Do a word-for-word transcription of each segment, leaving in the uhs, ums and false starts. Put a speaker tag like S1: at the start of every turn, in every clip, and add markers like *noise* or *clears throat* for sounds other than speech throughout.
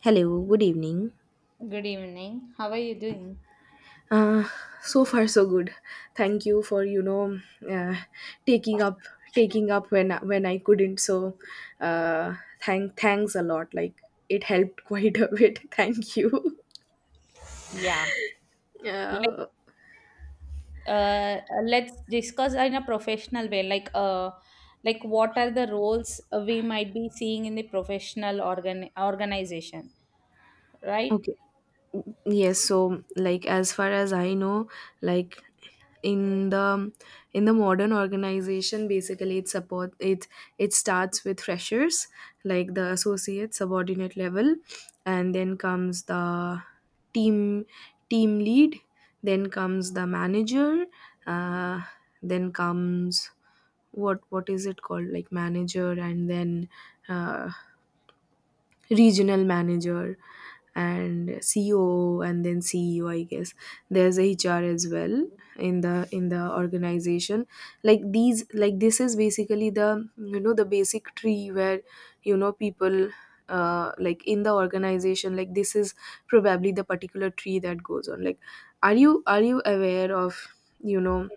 S1: Hello, good evening.
S2: Good evening. How are you doing?
S1: Uh, so far so good. Thank you for you know uh, taking up taking up when when I couldn't. So uh, thank thanks a lot. Like it helped *laughs* quite a bit. *laughs* Thank you.
S2: Yeah. Like
S1: Uh,
S2: uh let's discuss in a professional way. Like uh like what are the roles we might be seeing in the professional organ organization, right?
S1: okay. Yes, so like as far as I know, like in the in the modern organization, basically it support it it starts with freshers, like the associate subordinate level, and then comes the team team lead, then comes the manager, uh, then comes, what what is it called, like manager, and then uh, regional manager and C O O and then C E O, I guess. There's H R as well in the in the organization. Like these, like this is basically the, you know, the basic tree where, you know, people, uh, like in the organization, like this is probably the particular tree that goes on. Like, are you are you aware of, you know,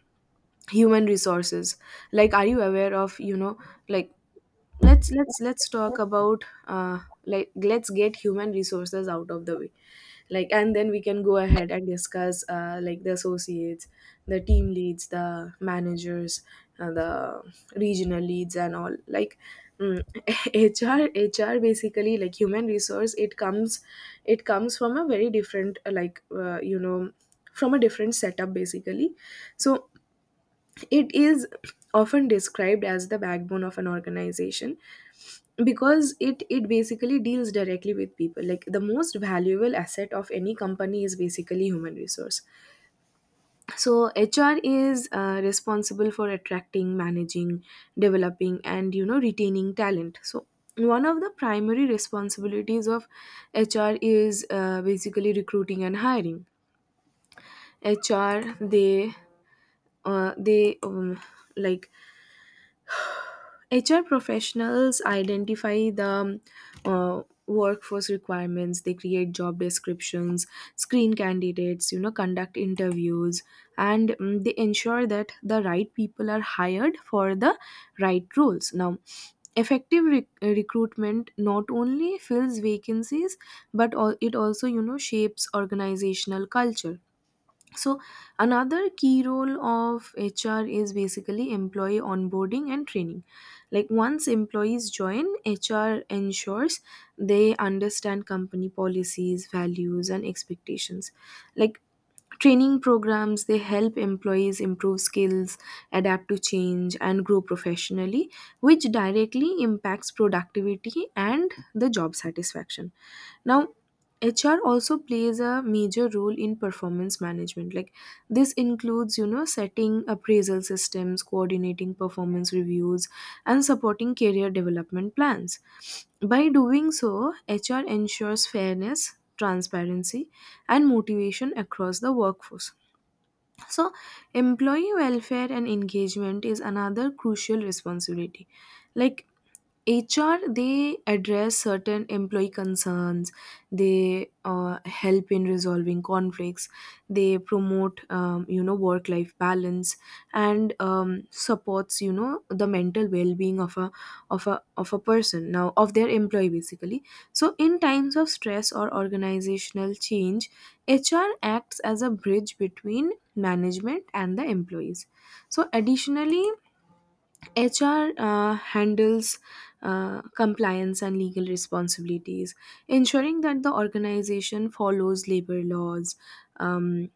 S1: human resources? Like, are you aware of, you know, like, let's let's let's talk about, uh like, let's get human resources out of the way, like, and then we can go ahead and discuss, uh, like the associates, the team leads, the managers, and the regional leads and all. Like, mm, *laughs* hr HR basically, like human resource, it comes, it comes from a very different, uh, like uh, you know, from a different setup, basically. So it is often described as the backbone of an organization, because it it basically deals directly with people. Like the most valuable asset of any company is basically human resource. So HR is, uh, responsible for attracting, managing, developing, and, you know, retaining talent. So one of the primary responsibilities of HR is, uh, basically recruiting and hiring. hr they uh, they um, like H R professionals identify the, uh, workforce requirements. They create job descriptions, screen candidates, you know, conduct interviews, and, mm, they ensure that the right people are hired for the right roles. Now, effective rec- recruitment not only fills vacancies, but al- it also, you know, shapes organizational culture. So another key role of H R is basically employee onboarding and training. Like, once employees join, H R ensures they understand company policies, values, and expectations. Like, training programs, they help employees improve skills, adapt to change, and grow professionally, which directly impacts productivity and the job satisfaction. Now, H R also plays a major role in performance management. Like, this includes, you know, setting appraisal systems, coordinating performance reviews, and supporting career development plans. By doing so, H R ensures fairness, transparency, and motivation across the workforce. So, employee welfare and engagement is another crucial responsibility. Like, H R, they address certain employee concerns. They, uh, help in resolving conflicts. They promote, um, you know, work life balance, and, um, supports, you know, the mental well being of a of a of a person, now, of their employee, basically. So in times of stress or organizational change, H R acts as a bridge between management and the employees. So, additionally, H R, uh, handles, uh, compliance and legal responsibilities, ensuring that the organization follows labor laws, um,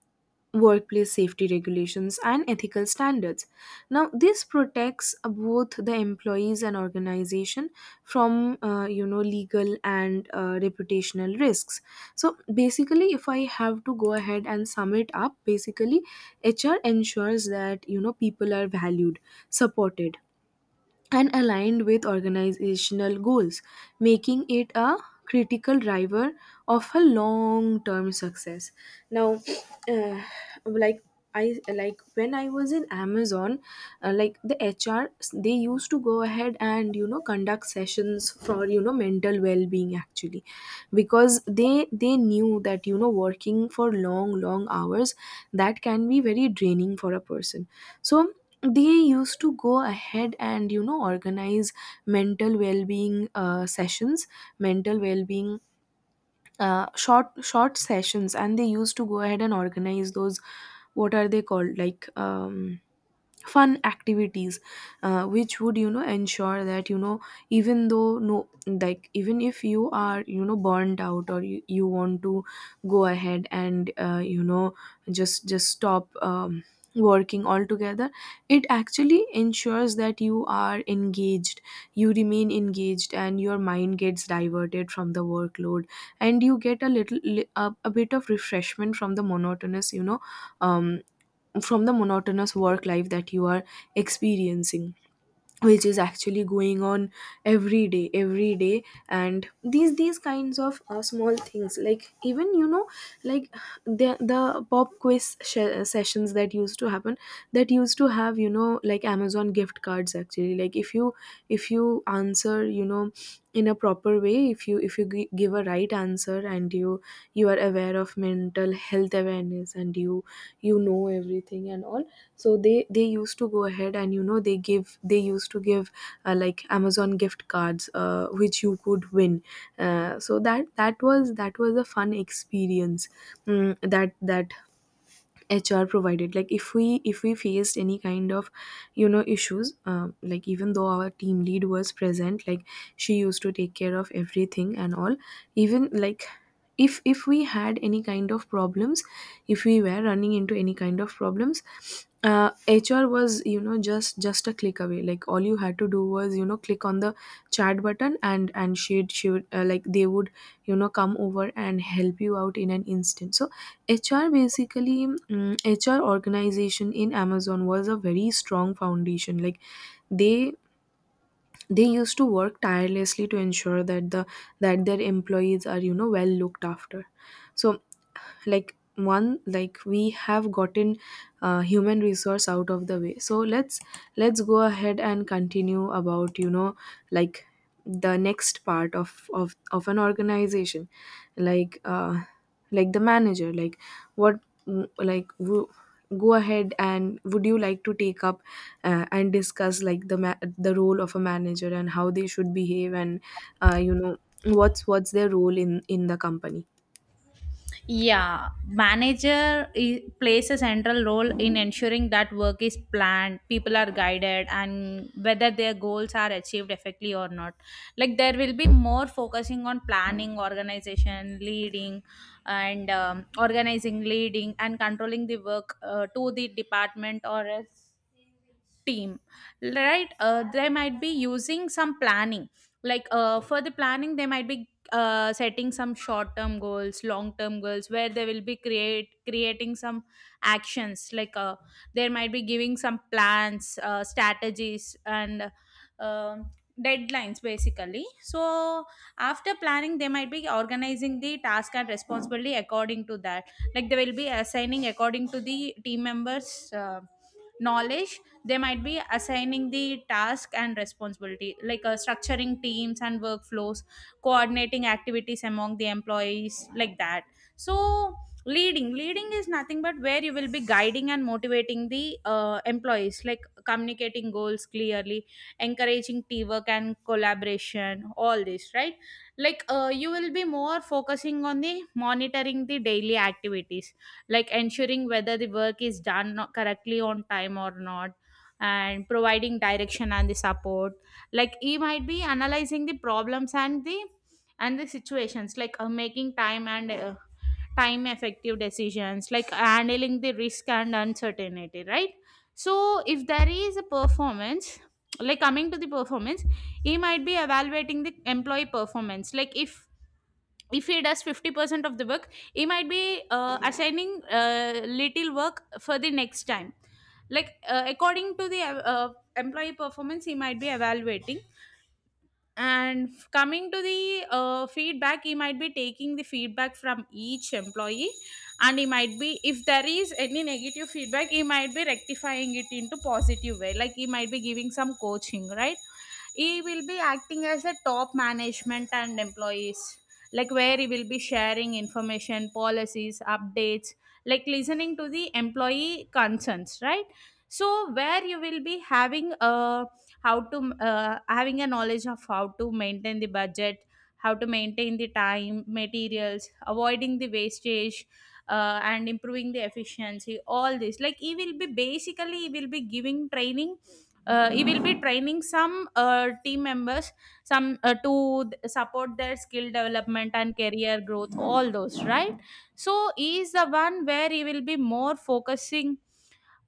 S1: workplace safety regulations, and ethical standards. Now, this protects both the employees and organization from, uh, you know, legal and, uh, reputational risks. So, basically, if I have to go ahead and sum it up, basically, H R ensures that, you know, people are valued, supported, and aligned with organizational goals, making it a critical driver of a long-term success. Now, uh, like I like, when I was in Amazon, uh, like the H R, they used to go ahead and, you know, conduct sessions for, you know, mental well-being, actually, because they they knew that, you know, working for long long hours, that can be very draining for a person. So they used to go ahead and, you know, organize mental well-being, uh, sessions, mental well-being uh, short short sessions, and they used to go ahead and organize those, what are they called, like, um fun activities, uh, which would, you know, ensure that, you know, even though no, like, even if you are, you know, burnt out or you, you want to go ahead and, uh, you know, just just stop, um, working altogether, it actually ensures that you are engaged, you remain engaged, and your mind gets diverted from the workload, and you get a little li- a, a bit of refreshment from the monotonous, you know um from the monotonous work life that you are experiencing, which is actually going on every day every day. And these these kinds of, uh, small things, like, even, you know, like, the the pop quiz sh- sessions that used to happen, that used to have, you know, like Amazon gift cards, actually. Like, if you, if you answer, you know, in a proper way, if you, if you gi- give a right answer, and you you are aware of mental health awareness, and you you know everything and all, so they they used to go ahead and, you know, they give they used to give, uh, like Amazon gift cards, uh, which you could win. Uh, so that that was, that was a fun experience, mm, that that HR provided. Like, if we, if we faced any kind of, you know, issues, um, like, even though our team lead was present, like, she used to take care of everything and all, even like, if if we had any kind of problems, if we were running into any kind of problems, uh, HR was, you know, just just a click away. Like, all you had to do was, you know, click on the chat button, and and she'd, she would uh, like they would, you know, come over and help you out in an instant. So H R basically, mm, H R organization in Amazon was a very strong foundation. Like, they they used to work tirelessly to ensure that the that their employees are, you know, well looked after. So, like one like we have gotten, uh, human resource out of the way, so let's let's go ahead and continue about, you know, like the next part of of of an organization, like, uh like the manager. Like, what, like, who- go ahead, and would you like to take up, uh, and discuss, like, the ma- the role of a manager and how they should behave, and, uh, you know, what's what's their role in in the company?
S2: Yeah, manager i- plays a central role in ensuring that work is planned, people are guided, and whether their goals are achieved effectively or not. Like there will be more focusing on planning, organization, leading, and um, organizing, leading, and controlling the work uh, to the department or else team, right. Uh, they might be using some planning, like uh, for the planning they might be uh, setting some short term goals, long term goals, where they will be create creating some actions, like uh, there might be giving some plans, uh, strategies and um deadlines basically. So after planning they might be organizing the task and responsibility according to that. Like, they will be assigning according to the team members' uh, knowledge. They might be assigning the task and responsibility like uh, structuring teams and workflows, coordinating activities among the employees like that. So leading leading is nothing but where you will be guiding and motivating the uh, employees, like communicating goals clearly, encouraging teamwork and collaboration, all this, right. Like uh, you will be more focusing on the monitoring the daily activities, like ensuring whether the work is done not- correctly on time or not, and providing direction and the support. Like, he might be analyzing the problems and the and the situations, like uh, making time and uh, time effective decisions, like handling the risk and uncertainty, right. So if there is a performance, like coming to the performance, he might be evaluating the employee performance. Like if if he does fifty percent of the work, he might be uh, assigning uh, little work for the next time. Like uh, according to the uh, employee performance he might be evaluating. And f- coming to the uh, feedback, he might be taking the feedback from each employee. And he might be, if there is any negative feedback, he might be rectifying it into positive way, like he might be giving some coaching, right. He will be acting as a top management and employees, like where he will be sharing information, policies, updates, like listening to the employee concerns, right. So where you will be having a how to uh, having a knowledge of how to maintain the budget, how to maintain the time, materials, avoiding the wastage, uh, and improving the efficiency, all this. Like he will be basically, he will be giving training, uh, he will be training some uh, team members, some uh, to th- support their skill development and career growth, all those, right. So he is the one where he will be more focusing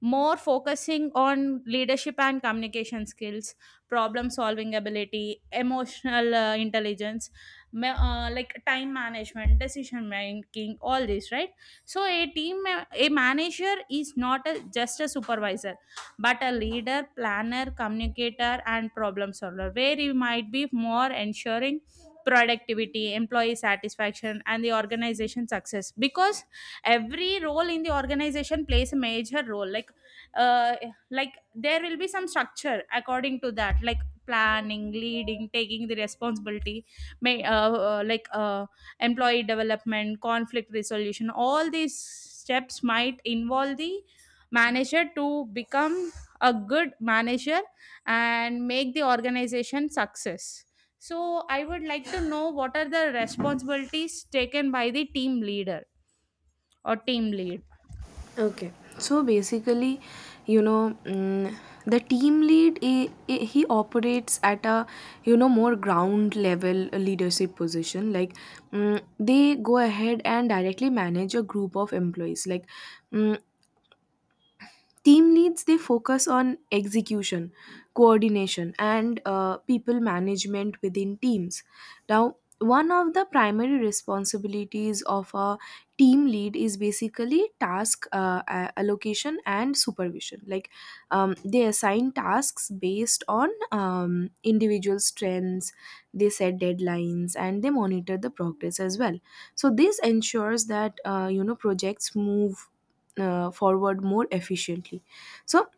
S2: more focusing on leadership and communication skills, problem solving ability, emotional uh, intelligence, ma- uh, like time management, decision making, all this, right. So a team ma- a manager is not a, just a supervisor, but a leader, planner, communicator and problem solver, where you might be more ensuring productivity, employee satisfaction and the organization success, because every role in the organization plays a major role. Like uh, like there will be some structure according to that, like planning, leading, taking the responsibility, may uh, uh, like uh, employee development, conflict resolution, all these steps might involve the manager to become a good manager and make the organization success. So I would like to know what are the responsibilities taken by the team leader or team lead.
S1: Okay. So basically, you know, mm, the team lead, he, he operates at a, you know, more ground level leadership position. Like, mm, they go ahead and directly manage a group of employees. Like, mm, team leads, they focus on execution, coordination, and, uh, people management within teams. Now, one of the primary responsibilities of a team lead is basically task, uh, a- allocation and supervision. Like, um, they assign tasks based on, um, individual strengths, they set deadlines, and they monitor the progress as well. So this ensures that, uh, you know, projects move, uh, forward more efficiently. So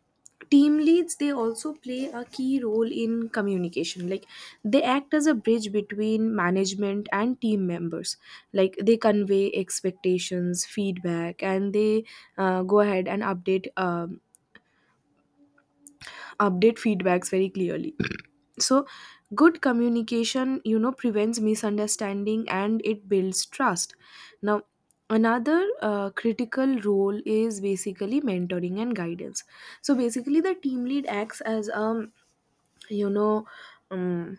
S1: team leads, they also play a key role in communication. Like, they act as a bridge between management and team members. Like, they convey expectations, feedback, and they, uh, go ahead and update, um, update feedbacks very clearly. So good communication, you know, prevents misunderstanding and it builds trust. Now, another, uh, critical role is basically mentoring and guidance. So basically, the team lead acts as, um you know um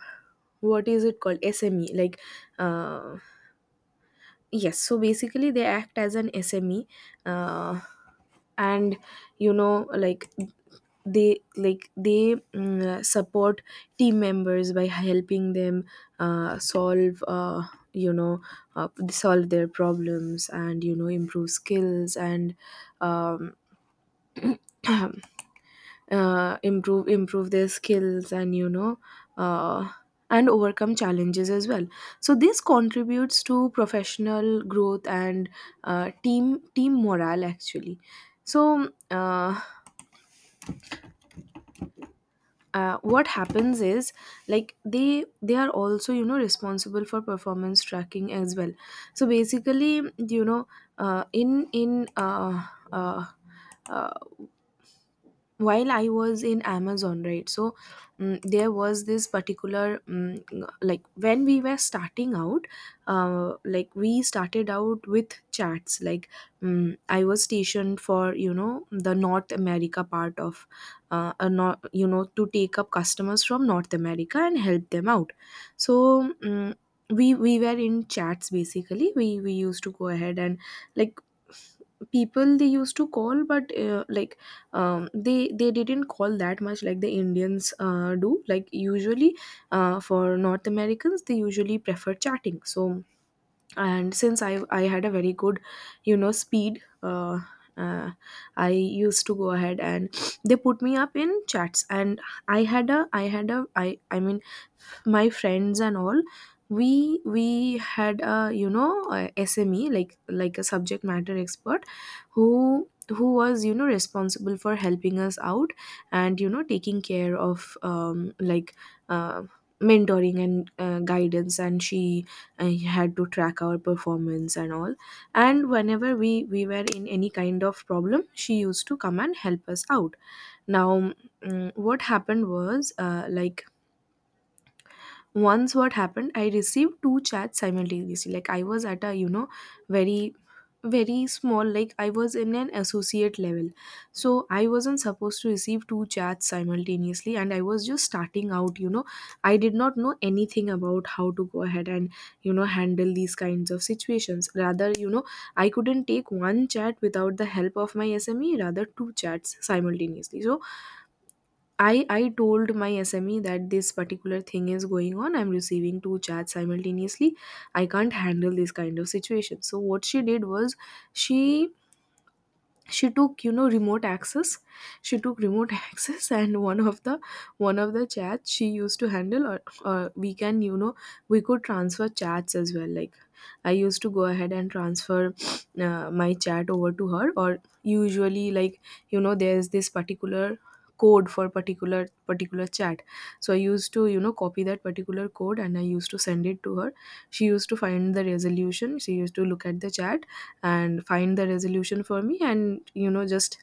S1: what is it called, SME, like, uh yes, so basically they act as an SME, uh and you know like they like they mm, support team members by helping them, uh, solve uh, you know uh, solve their problems, and, you know, improve skills, and, um, *clears throat* uh, improve improve their skills, and, you know, uh, and overcome challenges as well. So this contributes to professional growth and, uh, team team morale, actually. So, uh, uh, what happens is, like, they they are also, you know, responsible for performance tracking as well. So basically, you know, uh, in in uh, uh, uh, while I was in Amazon, right, so, mm there was this particular, mm like, when we were starting out, uh, like, we started out with chats. Like, mm I was stationed for, you know, the North America part of, uh, a not you know, to take up customers from North America and help them out. So, mm we we were in chats, basically. We we used to go ahead and, like, people, they used to call, but, uh, like um, they they didn't call that much like the Indians, uh, do. Like, usually, uh, for North Americans, they usually prefer chatting. So, and since I I had a very good, you know, speed. Uh, uh, I used to go ahead and they put me up in chats, and I had a I had a I I mean my friends and all, we we had a you know a sme, like like a subject matter expert who who was, you know, responsible for helping us out and, you know, taking care of um, like uh, mentoring and uh, guidance. And she uh, had to track our performance and all, and whenever we we were in any kind of problem, she used to come and help us out. Now, mm, what happened was, uh, like, once what happened, I received two chats simultaneously. Like I was at a, you know, very very small, like I was in an associate level, so I wasn't supposed to receive two chats simultaneously, and I was just starting out, you know. I did not know anything about how to go ahead and, you know, handle these kinds of situations. Rather, you know, I couldn't take one chat without the help of my sme, rather two chats simultaneously. So I, I told my S M E that this particular thing is going on. I'm receiving two chats simultaneously. I can't handle this kind of situation. So what she did was she she took, you know, remote access. She took remote *laughs* access, and one of the one of the chats she used to handle. or, or we can, you know, we could transfer chats as well. Like I used to go ahead and transfer uh, my chat over to her. Or usually, like, you know, there's this particular code for particular particular chat, so I used to, you know, copy that particular code and I used to send it to her. She used to find the resolution, she used to look at the chat and find the resolution for me, and, you know, just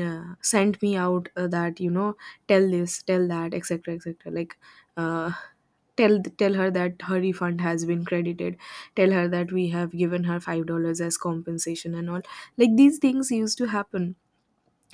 S1: uh, send me out, uh, that, you know, tell this, tell that, etc, etc. Like uh, tell tell her that her refund has been credited, tell her that we have given her five dollars as compensation and all. Like these things used to happen.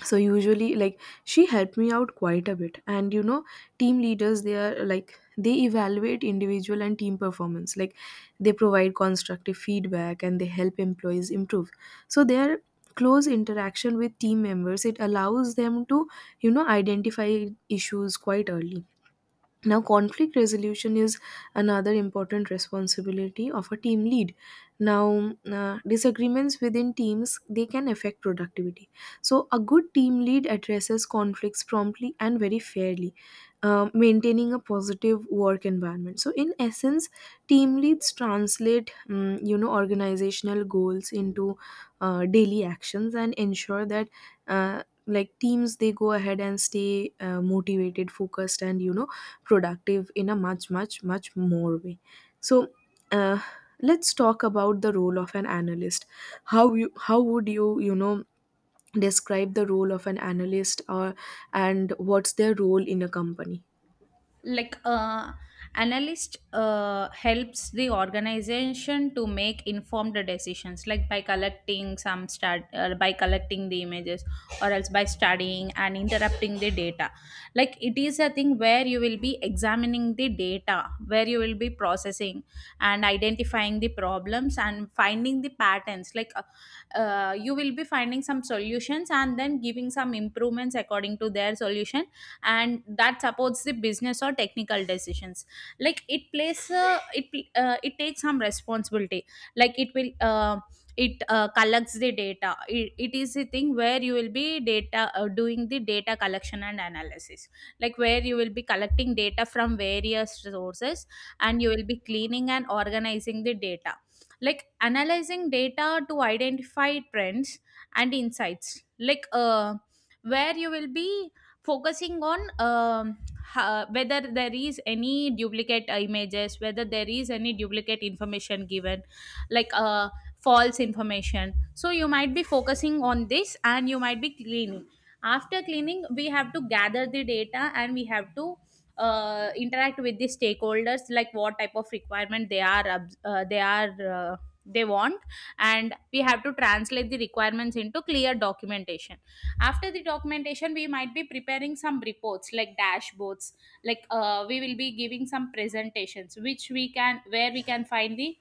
S1: So usually, like, she helped me out quite a bit. And, you know, team leaders, they are like, they evaluate individual and team performance, like they provide constructive feedback and they help employees improve. So their close interaction with team members, it allows them to, you know, identify issues quite early. Now, conflict resolution is another important responsibility of a team lead. Now, uh, disagreements within teams, they can affect productivity. So a good team lead addresses conflicts promptly and very fairly, uh, maintaining a positive work environment. So in essence, team leads translate, mm, you know, organizational goals into uh, daily actions and ensure that uh, like teams, they go ahead and stay uh, motivated, focused, and, you know, productive in a much much much more way. So uh, let's talk about the role of an analyst. How you, how would you, you know, describe the role of an analyst, or, and what's their role in a company?
S2: like uh, Analyst uh, helps the organization to make informed decisions, like by collecting some stat uh, by collecting the images or else by studying and interrupting the data. Like it is a thing where you will be examining the data, where you will be processing and identifying the problems and finding the patterns, like uh, uh, you will be finding some solutions and then giving some improvements according to their solution, and that supports the business or technical decisions. Like it plays uh, it uh, it takes some responsibility. Like it will uh, it uh, collects the data. It, it is a thing where you will be data uh, doing the data collection and analysis, like where you will be collecting data from various sources, and you will be cleaning and organizing the data, like analyzing data to identify trends and insights. Like uh, where you will be focusing on um, ha- whether there is any duplicate images, whether there is any duplicate information given, like uh, false information. So you might be focusing on this and you might be cleaning. After cleaning, we have to gather the data and we have to uh, interact with the stakeholders, like what type of requirement they are obs- uh, they are uh, they want, and we have to translate the requirements into clear documentation. After the documentation we might be preparing some reports like dashboards. Like uh, we will be giving some presentations, which we can, where we can find the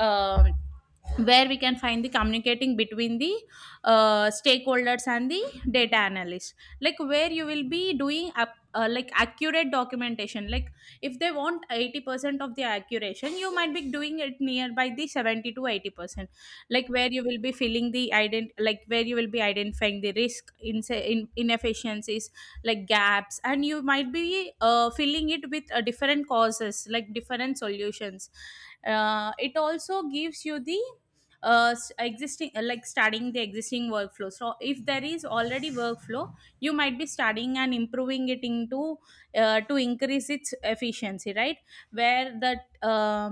S2: um where we can find the communicating between the uh, stakeholders and the data analyst. Like where you will be doing up uh, like accurate documentation. Like if they want eighty percent of the accuracy, you might be doing it nearby the seventy to eighty percent. Like where you will be feeling the ident like where you will be identifying the risk in, in inefficiencies, like gaps, and you might be uh, filling it with uh, different causes, like different solutions. Uh, it also gives you the uh, s- existing uh, like studying the existing workflow. So if there is already workflow, you might be studying and improving it into uh, to increase its efficiency, right. Where that uh,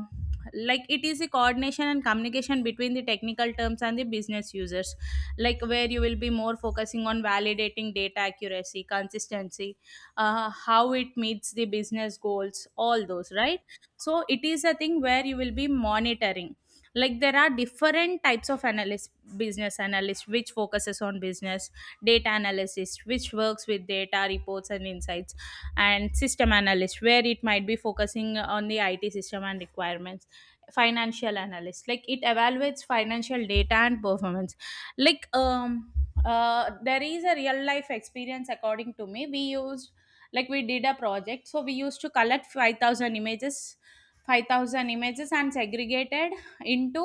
S2: like it is a coordination and communication between the technical terms and the business users, like where you will be more focusing on validating data accuracy, consistency, uh, how it meets the business goals, all those, right. So it is a thing where you will be monitoring, like there are different types of analyst: business analyst which focuses on business, data analysis which works with data reports and insights, and system analyst where it might be focusing on the I T system and requirements, financial analyst like it evaluates financial data and performance. Like um uh there is a real life experience. According to me, we used, like we did a project, so we used to collect five thousand images, five thousand images, and segregated into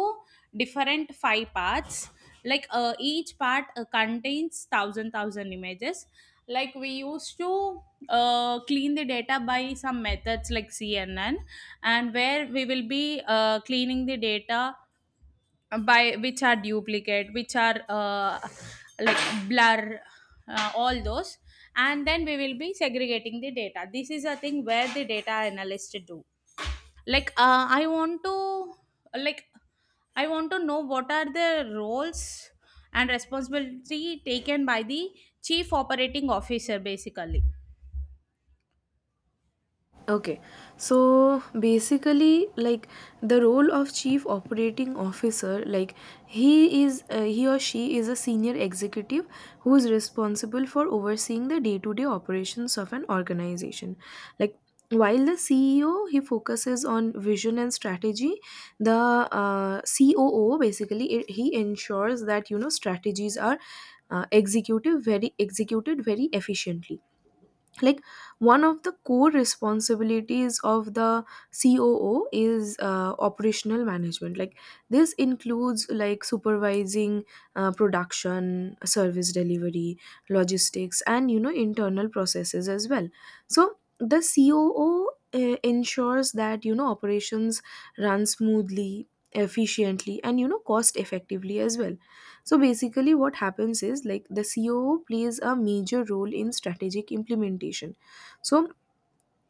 S2: different five parts. Like uh, each part uh, contains one thousand images. Like we used to uh, clean the data by some methods like cnn, and where we will be uh, cleaning the data by which are duplicate, which are uh, like blur, uh, all those, and then we will be segregating the data. This is a thing where the data analyst do. Like uh, i want to like I want to know what are the roles and responsibility taken by the chief operating officer basically.
S1: Okay, so basically, like, the role of chief operating officer, like, he is, uh, he or she is a senior executive who is responsible for overseeing the day-to-day operations of an organization. Like, while the C E O, he focuses on vision and strategy, the uh, C O O, basically, it, he ensures that, you know, strategies are uh, executive very executed very efficiently. Like, one of the core responsibilities of the coo is uh, operational management. Like this includes, like, supervising uh, production, service delivery, logistics, and, you know, internal processes as well. So the coo uh, ensures that, you know, operations run smoothly, efficiently, and, you know, cost effectively as well. So basically, what happens is, like, the C O O plays a major role in strategic implementation. So,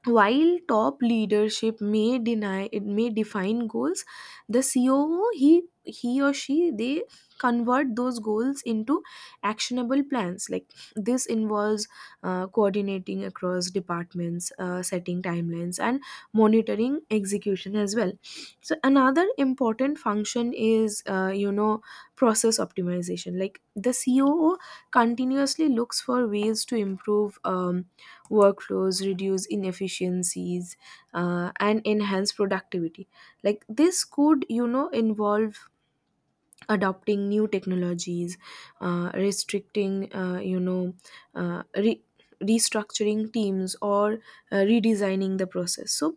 S1: while top leadership may deny, it may define goals, the coo, he he or she, they convert those goals into actionable plans. Like, this involves uh, coordinating across departments, uh, setting timelines and monitoring execution as well. So another important function is, uh, you know, process optimization. Like, the coo continuously looks for ways to improve um, workflows, reduce inefficiencies, uh, and enhance productivity. Like this could, you know, involve adopting new technologies, uh, restricting, uh, you know, uh, re- restructuring teams, or uh, redesigning the process. So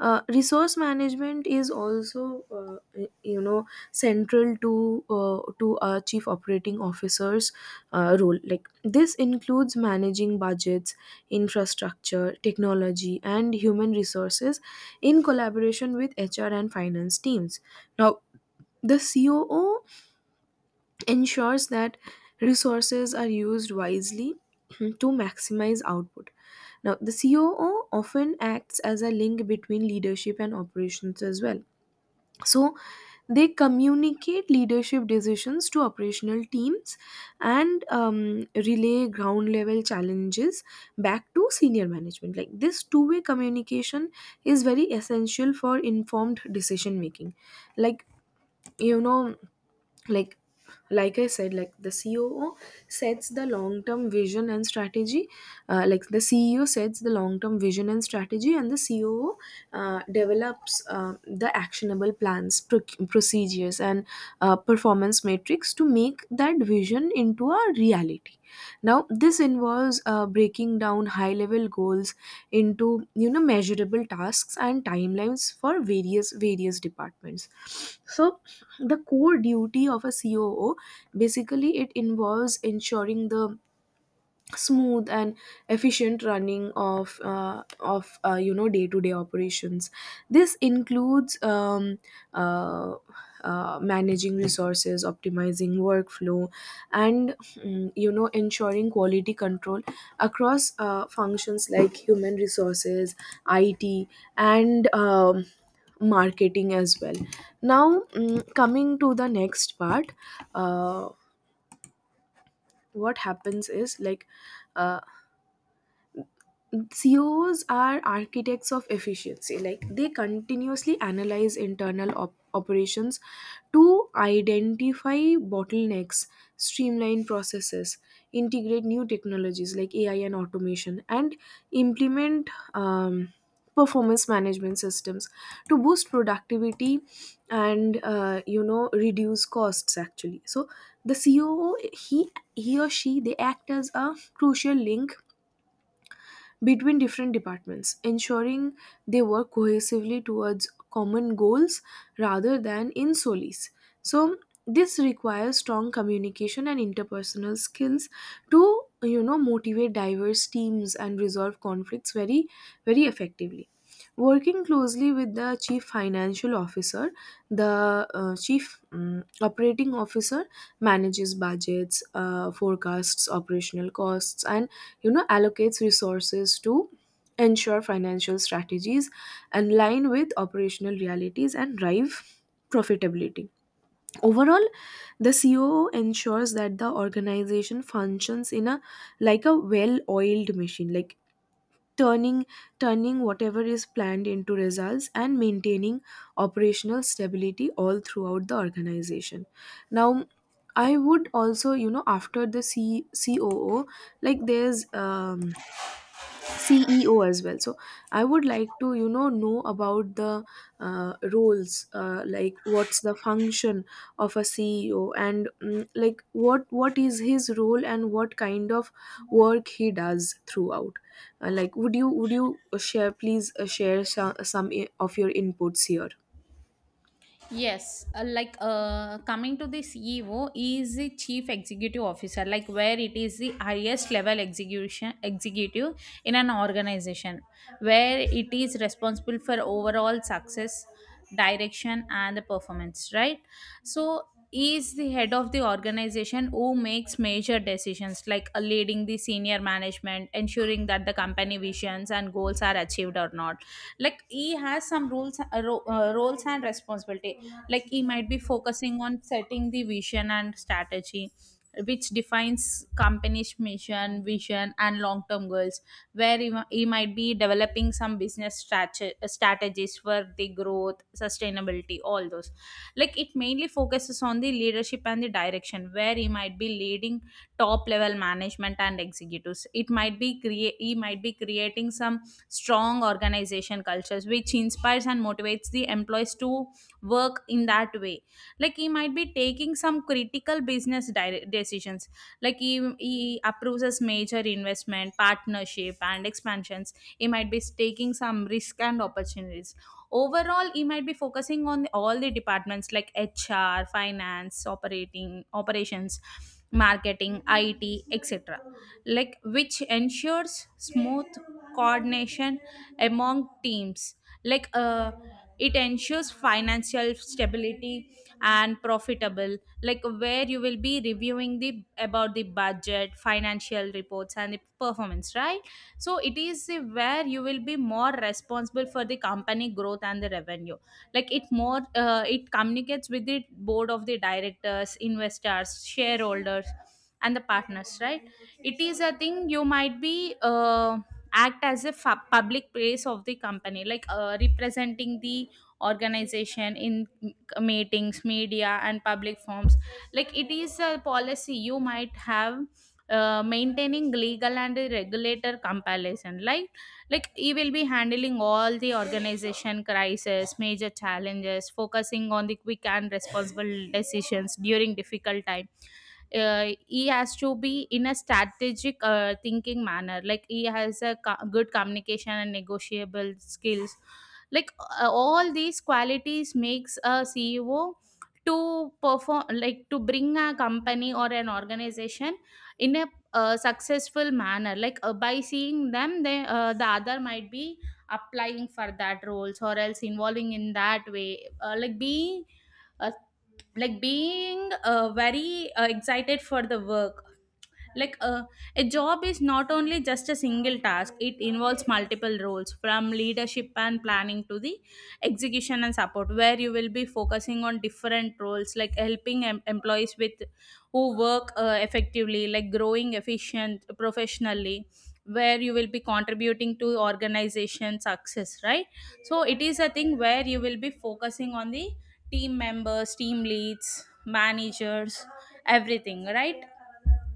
S1: uh, resource management is also, uh, you know, central to uh, to a chief operating officer's uh, role. Like this includes managing budgets, infrastructure, technology, and human resources, in collaboration with hr and finance teams. Now, the coo ensures that resources are used wisely *clears throat* to maximize output. Now, the C O O often acts as a link between leadership and operations as well. So they communicate leadership decisions to operational teams, and um, relay ground level challenges back to senior management. Like, this two way communication is very essential for informed decision making. Like, you know, like like I said, like, the coo sets the long term vision and strategy, uh, like the ceo sets the long term vision and strategy, and the coo uh, develops uh, the actionable plans, proc- procedures, and uh, performance metrics to make that vision into a reality. Now this involves uh, breaking down high level goals into, you know, measurable tasks and timelines for various various departments. So the core duty of a coo, basically, it involves ensuring the smooth and efficient running of uh, of uh, you know, day to day operations. This includes um, uh, uh, managing resources, optimizing workflow, and, mm, you know, ensuring quality control across uh, functions like human resources, it, and um, marketing as well. Now, mm, coming to the next part, uh, what happens is, like, uh, C E Os are architects of efficiency. Like they continuously analyze internal op- operations to identify bottlenecks, streamline processes, integrate new technologies like A I and automation, and implement um, performance management systems to boost productivity and, uh, you know, reduce costs. Actually, so the C E O, he he or she, they act as a crucial link between different departments, ensuring they work cohesively towards common goals rather than in solis. So this requires strong communication and interpersonal skills to, you know, motivate diverse teams and resolve conflicts very very effectively. Working closely with the chief financial officer, the uh, chief, um, operating officer manages budgets, uh, forecasts operational costs, and, you know, allocates resources to ensure financial strategies align with operational realities and drive profitability. Overall, the coo ensures that the organization functions in a, like, a well oiled machine. Like, turning turning whatever is planned into results and maintaining operational stability all throughout the organization. Now, I would also, you know, after the C- coo, like, there's um C E O as well. So I would like to, you know, know about the uh, roles, uh, like, what's the function of a C E O, and, mm, like, what what is his role and what kind of work he does throughout. Uh, like, would you would you share, please, uh, share some, some i- of your inputs here?
S2: Yes, uh, like uh, coming to the C E O. Is the chief executive officer, like where it is the highest level execution executive in an organization, where it is responsible for overall success, direction, and the performance, right. So is the head of the organization who makes major decisions, like uh, leading the senior management, ensuring that the company visions and goals are achieved or not. Like he has some rules uh, ro- uh, roles and responsibility. Like he might be focusing on setting the vision and strategy, which defines company's mission, vision and long term goals, where he, mi- he might be developing some business strate- strategies for the growth, sustainability, all those. Like it mainly focuses on the leadership and the direction, where he might be leading top level management and executives. It might be create he might be creating some strong organization cultures, which inspires and motivates the employees to work in that way. Like he might be taking some critical business dire- decisions. Like he, he approves as major investment, partnership and expansions. He might be taking some risk and opportunities. Overall, he might be focusing on all the departments like H R, finance, operating operations, marketing, I T, etc., like which ensures smooth coordination among teams. Like uh, it ensures financial stability and profitable, like where you will be reviewing the about the budget, financial reports and the performance, right. So it is the, where you will be more responsible for the company growth and the revenue. Like it more uh, it communicates with the board of the directors, investors, shareholders and the partners, right. It is a thing you might be uh, act as a fa- public place of the company, like uh, representing the organization in m- meetings, media and public forums. Like it is a policy, you might have uh, maintaining legal and regulator compilation. Like like he will be handling all the organization crisis, major challenges, focusing on the quick and responsible decisions during difficult time. Uh, he has to be in a strategic uh, thinking manner. Like he has a co- good communication and negotiable skills. Like uh, all these qualities makes a C E O to perform, like to bring a company or an organization in a uh, successful manner. Like uh, by seeing them, they uh, the other might be applying for that roles or else involving in that way. Uh, like being uh, like being uh, very uh, excited for the work. Like uh, a job is not only just a single task, it involves multiple roles from leadership and planning to the execution and support, where you will be focusing on different roles like helping em- employees with who work uh, effectively, like growing efficient professionally, where you will be contributing to organization success, right. So it is a thing where you will be focusing on the team members, team leads, managers, everything, right.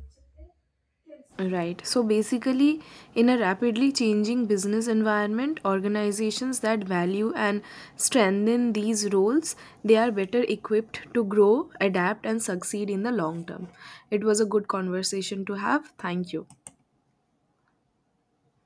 S1: Right. So basically, in a rapidly changing business environment, organizations that value and strengthen these roles, they are better equipped to grow, adapt, and succeed in the long term. It was a good conversation to have. Thank you.